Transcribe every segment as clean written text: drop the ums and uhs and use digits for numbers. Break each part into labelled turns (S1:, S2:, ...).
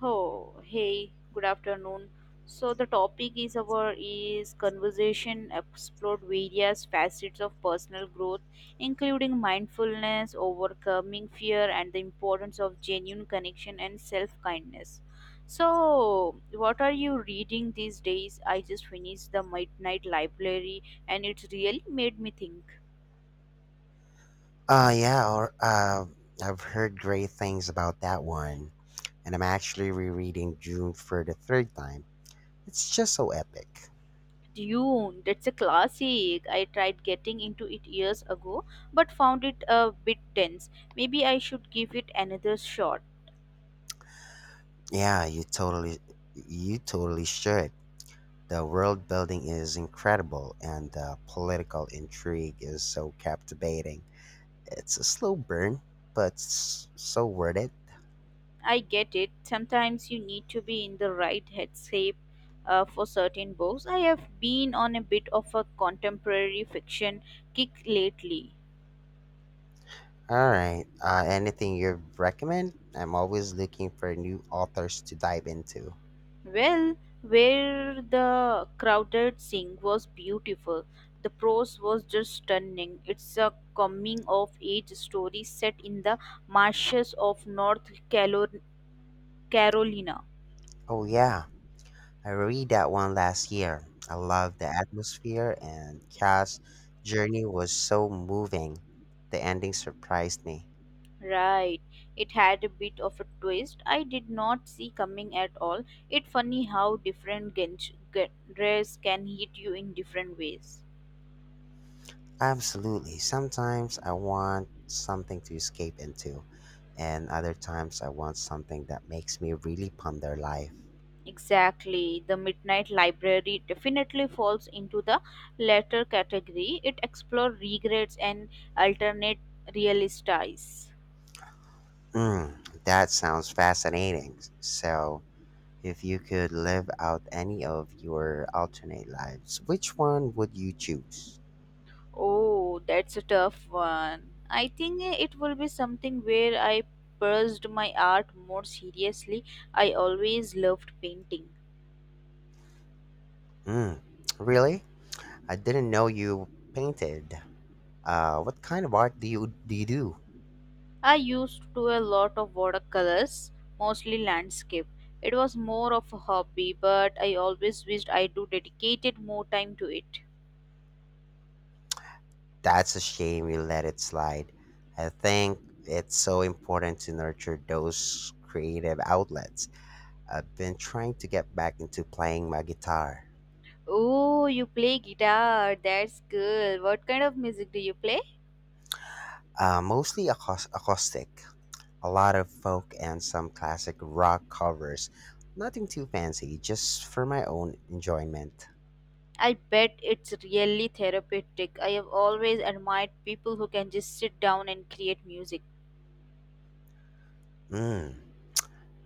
S1: Oh, hey, good afternoon. So the topic is our is conversation explored various facets of personal growth, including mindfulness, overcoming fear, and the importance of genuine connection and self-kindness. So, what are you reading these days? I just finished the Midnight Library, and it's really made me think.
S2: Uh yeah, or, uh, I've heard great things about that one, and I'm actually rereading June for the 3rd time. It's just so epic.
S1: Dune, that's a classic. I tried getting into it years ago, but found it a bit tense. Maybe I should give it another shot.
S2: Yeah, you totally should. The world building is incredible, and the political intrigue is so captivating. It's a slow burn, but so worth it.
S1: I get it. Sometimes you need to be in the right headspace for certain books. I have been on a bit of a contemporary fiction kick lately.
S2: All right, anything you recommend? I'm always looking for new authors to dive into.
S1: Well, where the crowded sing was beautiful. The prose was just stunning. It's a coming of age story set in the marshes of Carolina.
S2: Oh yeah, I read that one last year. I loved the atmosphere and Cass' journey was so moving. The ending surprised me.
S1: Right. It had a bit of a twist I did not see coming at all. It's funny how different genres can hit you in different ways.
S2: Absolutely. Sometimes I want something to escape into, and other times I want something that makes me really ponder life.
S1: Exactly. The Midnight Library definitely falls into the latter category. It explores regrets and alternate realities.
S2: Mm, that sounds fascinating. So, if you could live out any of your alternate lives, which one would you choose?
S1: Oh, that's a tough one. I think it will be something where I pursued my art more seriously. I always loved painting.
S2: Mm, really? I didn't know you painted. What kind of art do you do?
S1: I used to do a lot of watercolors, mostly landscape. It was more of a hobby, but I always wished I do dedicated more time to it.
S2: That's a shame you let it slide. I think it's so important to nurture those creative outlets. I've been trying to get back into playing my guitar.
S1: Oh, you play guitar. That's cool. What kind of music do you play?
S2: Mostly acoustic, a lot of folk and some classic rock covers. Nothing too fancy, just for my own enjoyment.
S1: I bet it's really therapeutic. I have always admired people who can just sit down and create music.
S2: Mm,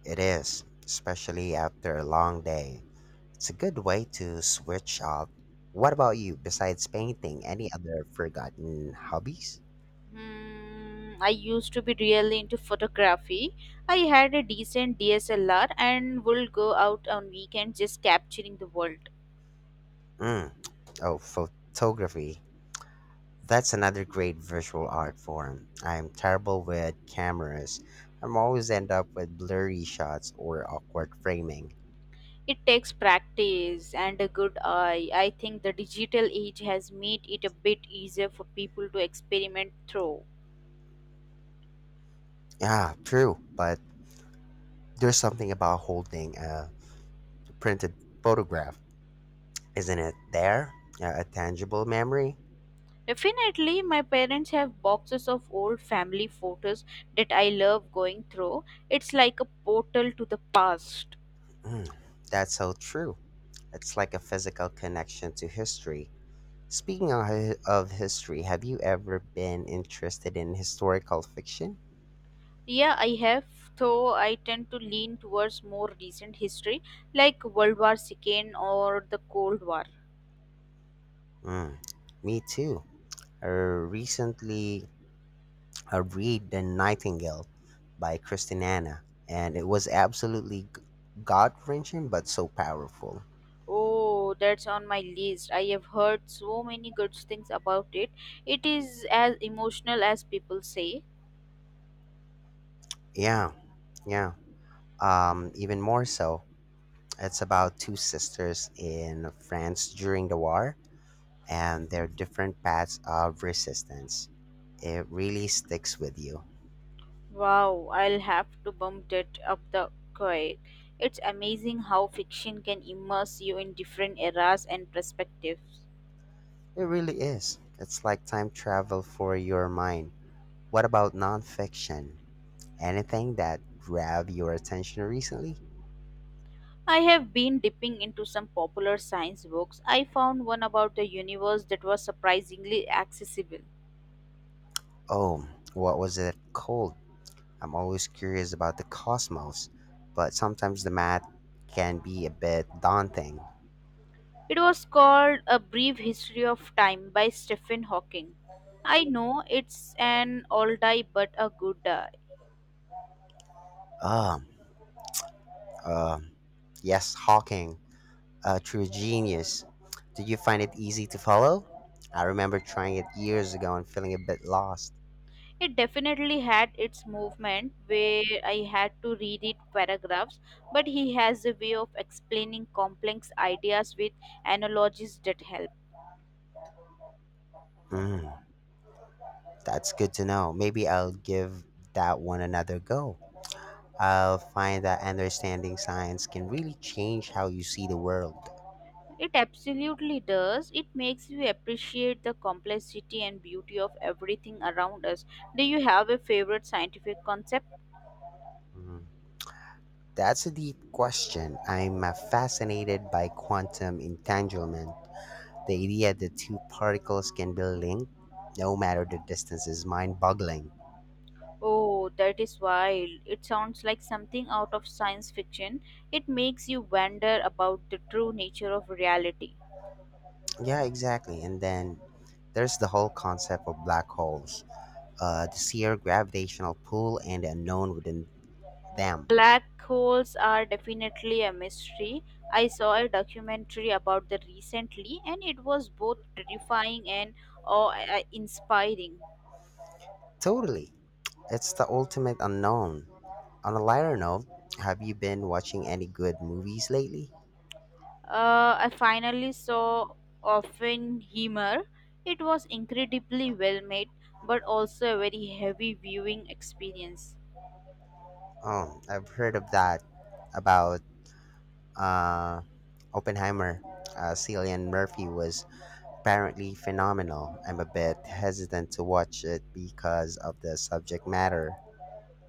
S2: it is, especially after a long day. It's a good way to switch up. What about you? Besides painting, any other forgotten hobbies?
S1: Hmm, I used to be really into photography. I had a decent DSLR and would go out on weekends just capturing the world.
S2: Mm. Oh, photography. That's another great visual art form. I'm terrible with cameras. I'm always end up with blurry shots or awkward framing.
S1: It takes practice and a good eye. I think the digital age has made it a bit easier for people to experiment through.
S2: Yeah, true. But there's something about holding a printed photograph, isn't it? There, a tangible memory.
S1: Definitely, my parents have boxes of old family photos that I love going through. It's like a portal to the past.
S2: Mm, that's so true. It's like a physical connection to history. Speaking of, of history, have you ever been interested in historical fiction?
S1: Yeah, I have, though I tend to lean towards more recent history like World War II or the Cold War.
S2: Mm, me too. I recently I read The Nightingale by Christiana, and it was absolutely gut wrenching but so powerful.
S1: Oh, that's on my list. I have heard so many good things about it. It is as emotional as people say.
S2: Yeah, yeah. Even more so, it's about two sisters in France during the war and their different paths of resistance. It really sticks with you.
S1: Wow, I'll have to bump that up the quake. It's amazing how fiction can immerse you in different eras and perspectives.
S2: It really is. It's like time travel for your mind. What about nonfiction? Anything that grabbed your attention recently?
S1: I have been dipping into some popular science books. I found one about the universe that was surprisingly accessible.
S2: Oh, what was it called? I'm always curious about the cosmos, but sometimes the math can be a bit daunting.
S1: It was called A Brief History of Time by Stephen Hawking. I know it's an oldie but a good
S2: Um, um, yes, Hawking, a true genius. Did you find it easy to follow? I remember trying it years ago and feeling a bit lost.
S1: It definitely had its movement where I had to reread paragraphs, but he has a way of explaining complex ideas with analogies that help.
S2: Mm. That's good to know. Maybe I'll give that one another go. I'll find that understanding science can really change how you see the world.
S1: It absolutely does. It makes you appreciate the complexity and beauty of everything around us. Do you have a favorite scientific concept?
S2: Mm, that's a deep question. I'm fascinated by quantum entanglement. The idea that two particles can be linked, no matter the distance, is mind boggling.
S1: Oh, that is wild. It sounds like something out of science fiction. It makes you wonder about the true nature of reality.
S2: Yeah, exactly. And then there's the whole concept of black holes, the sheer gravitational pull and the unknown within them.
S1: Black holes are definitely a mystery. I saw a documentary about them recently, and it was both terrifying and awe inspiring.
S2: Totally. It's the ultimate unknown. On a lighter note, have you been watching any good movies lately?
S1: I finally saw Oppenheimer. It was incredibly well made, but also a very heavy viewing experience.
S2: Oh, I've heard of that about uh, Oppenheimer. Cillian Murphy was apparently phenomenal. I'm a bit hesitant to watch it because of the subject matter.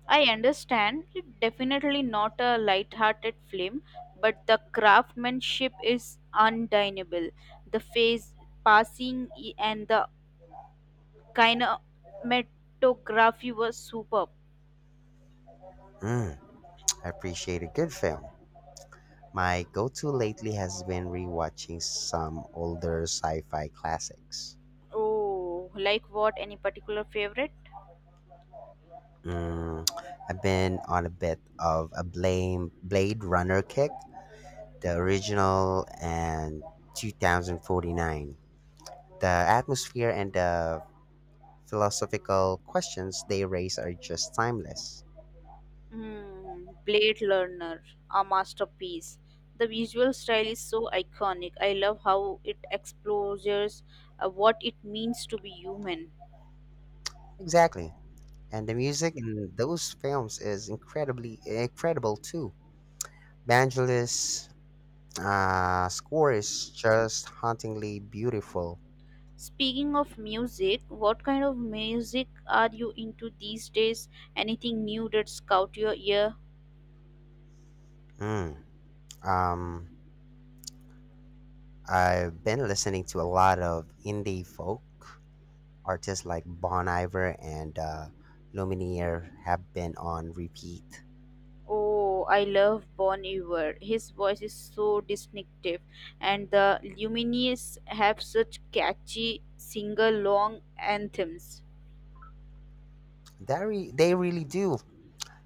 S1: I understand it's definitely not a light-hearted film, but the craftsmanship is undeniable. The face passing and the Kinematography was superb.
S2: Mm, I appreciate a good film. My go to lately has been rewatching some older sci fi classics.
S1: Oh, like what? Any particular favorite?
S2: Mm, I've been on a bit of a blame Blade Runner kick, the original and 2049. The atmosphere and the philosophical questions they raise are just timeless.
S1: Hmm, Blade Runner, a masterpiece. The visual style is so iconic. I love how it explores what it means to be human.
S2: Exactly. And the music in those films is incredibly incredible too. Banjo's score is just hauntingly beautiful.
S1: Speaking of music, what kind of music are you into these days? Anything new that's caught your ear?
S2: Mm, um, I've been listening to a lot of indie folk artists like Bon Iver and Lumineer have been on repeat.
S1: Oh, I love Bon Iver. His voice is so distinctive, and the Lumineers have such catchy sing-along anthems.
S2: They really do.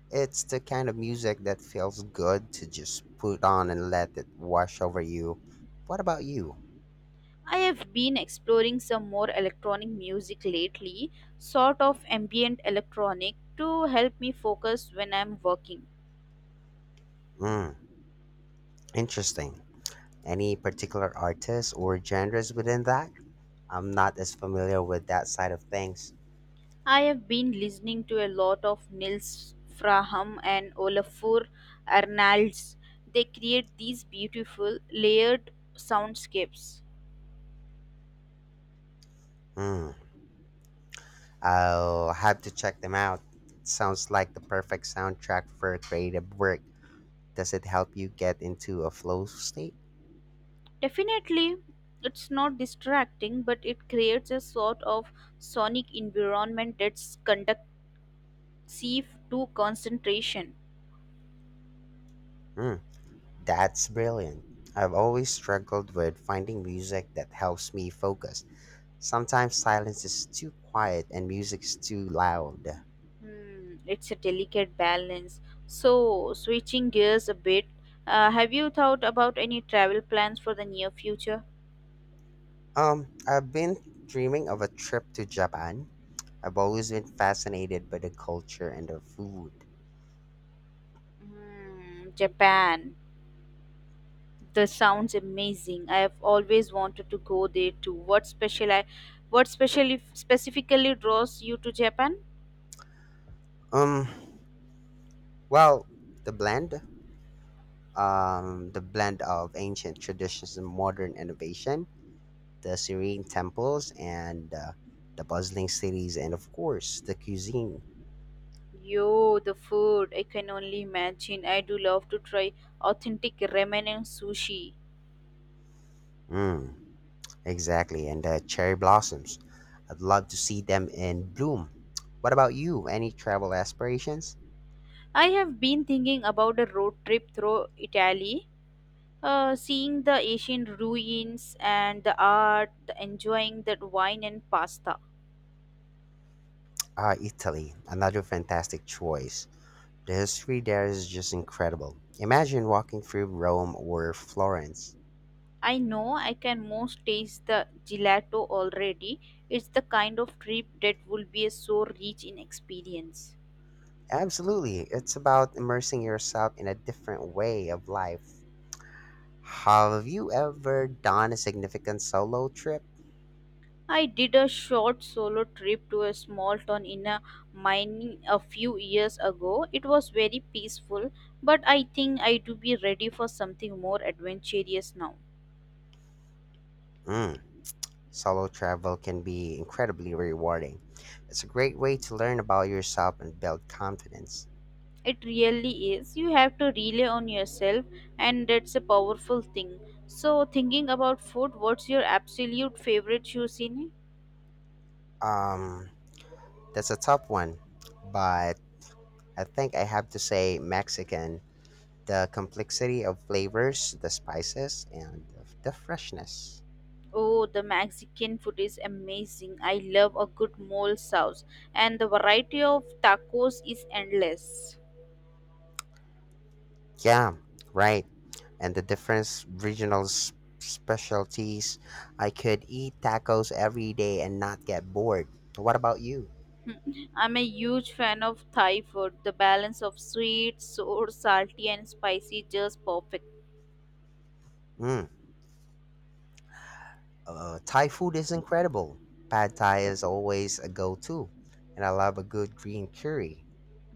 S2: It's the kind of music that feels good to just put on and let it wash over you. What about you?
S1: I have been exploring some more electronic music lately, sort of ambient electronic, to help me focus when I'm working.
S2: Mm, interesting. Any particular artists or genres within that? I'm not as familiar with that side of things.
S1: I have been listening to a lot of Nils Fraham and Olafur Arnalds. They create these beautiful, layered soundscapes.
S2: Hmm. I'll have to check them out. Sounds like the perfect soundtrack for creative work. Does it help you get into a flow state?
S1: Definitely, it's not distracting, but it creates a sort of sonic environment that's conducive to concentration.
S2: Mm, that's brilliant. I've always struggled with finding music that helps me focus. Sometimes silence is too quiet and music is too loud.
S1: Hmm, it's a delicate balance. So, switching gears a bit, have you thought about any travel plans for the near future?
S2: I've been dreaming of a trip to Japan. I've always been fascinated by the culture and the food.
S1: Hmm, Japan. That sounds amazing. I have always wanted to go there too. What special, what specially specifically draws you to Japan?
S2: Um, well, the blend, the blend of ancient traditions and modern innovation, the serene temples and, the bustling cities, and of course, the cuisine.
S1: Yo, the food, I can only imagine. I do love to try authentic ramen and sushi.
S2: Mm, exactly, and the cherry blossoms. I'd love to see them in bloom. What about you? Any travel aspirations?
S1: I have been thinking about a road trip through Italy, seeing the ancient ruins and the art, the enjoying the wine and pasta.
S2: Ah, Italy, another fantastic choice. The history there is just incredible. Imagine walking through Rome or Florence.
S1: I know I can most taste the gelato already. It's the kind of trip that will be so rich in experience.
S2: Absolutely, it's about immersing yourself in a different way of life. Have you ever done a significant solo trip?
S1: I did a short solo trip to a small town in a mining a few years ago. It was very peaceful, but I think I do be ready for something more adventurous now.
S2: Hmm. Solo travel can be incredibly rewarding. It's a great way to learn about yourself and build confidence.
S1: It really is. You have to rely on yourself, and that's a powerful thing. So, thinking about food, what's your absolute favorite cuisine?
S2: Um, that's a tough one, but I think I have to say Mexican. The complexity of flavors, the spices, and the freshness.
S1: Oh, the Mexican food is amazing. I love a good mole sauce, and the variety of tacos is endless.
S2: Yeah, right. And the different specialties. I could eat tacos every day and not get bored. What about you?
S1: Mm, I'm a huge fan of Thai food. The balance of sweet, sour, salty, and spicy just perfect.
S2: Mm. Thai food is incredible. Pad Thai is always a go to, and I love a good green curry.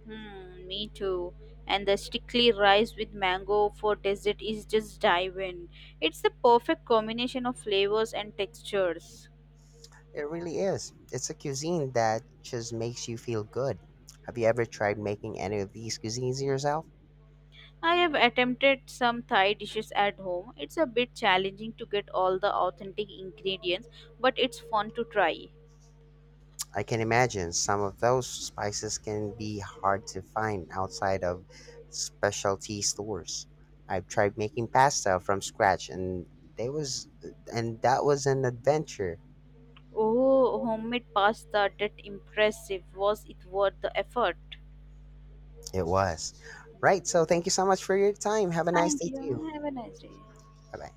S1: Hmm, me too. And the sticky rice with mango for dessert is just divine. It's the perfect combination of flavors and textures.
S2: It really is. It's a cuisine that just makes you feel good. Have you ever tried making any of these cuisines yourself?
S1: I have attempted some Thai dishes at home. It's a bit challenging to get all the authentic ingredients, but it's fun to try.
S2: I can imagine some of those spices can be hard to find outside of specialty stores. I've tried making pasta from scratch and they was and that was an adventure.
S1: Oh, homemade pasta that impressive. Was it worth the effort?
S2: It was. Right. So
S1: Mhm.
S2: thank you so much for your time. Have a nice
S1: Thank
S2: day to you.
S1: you. Have a nice day.
S2: Bye bye.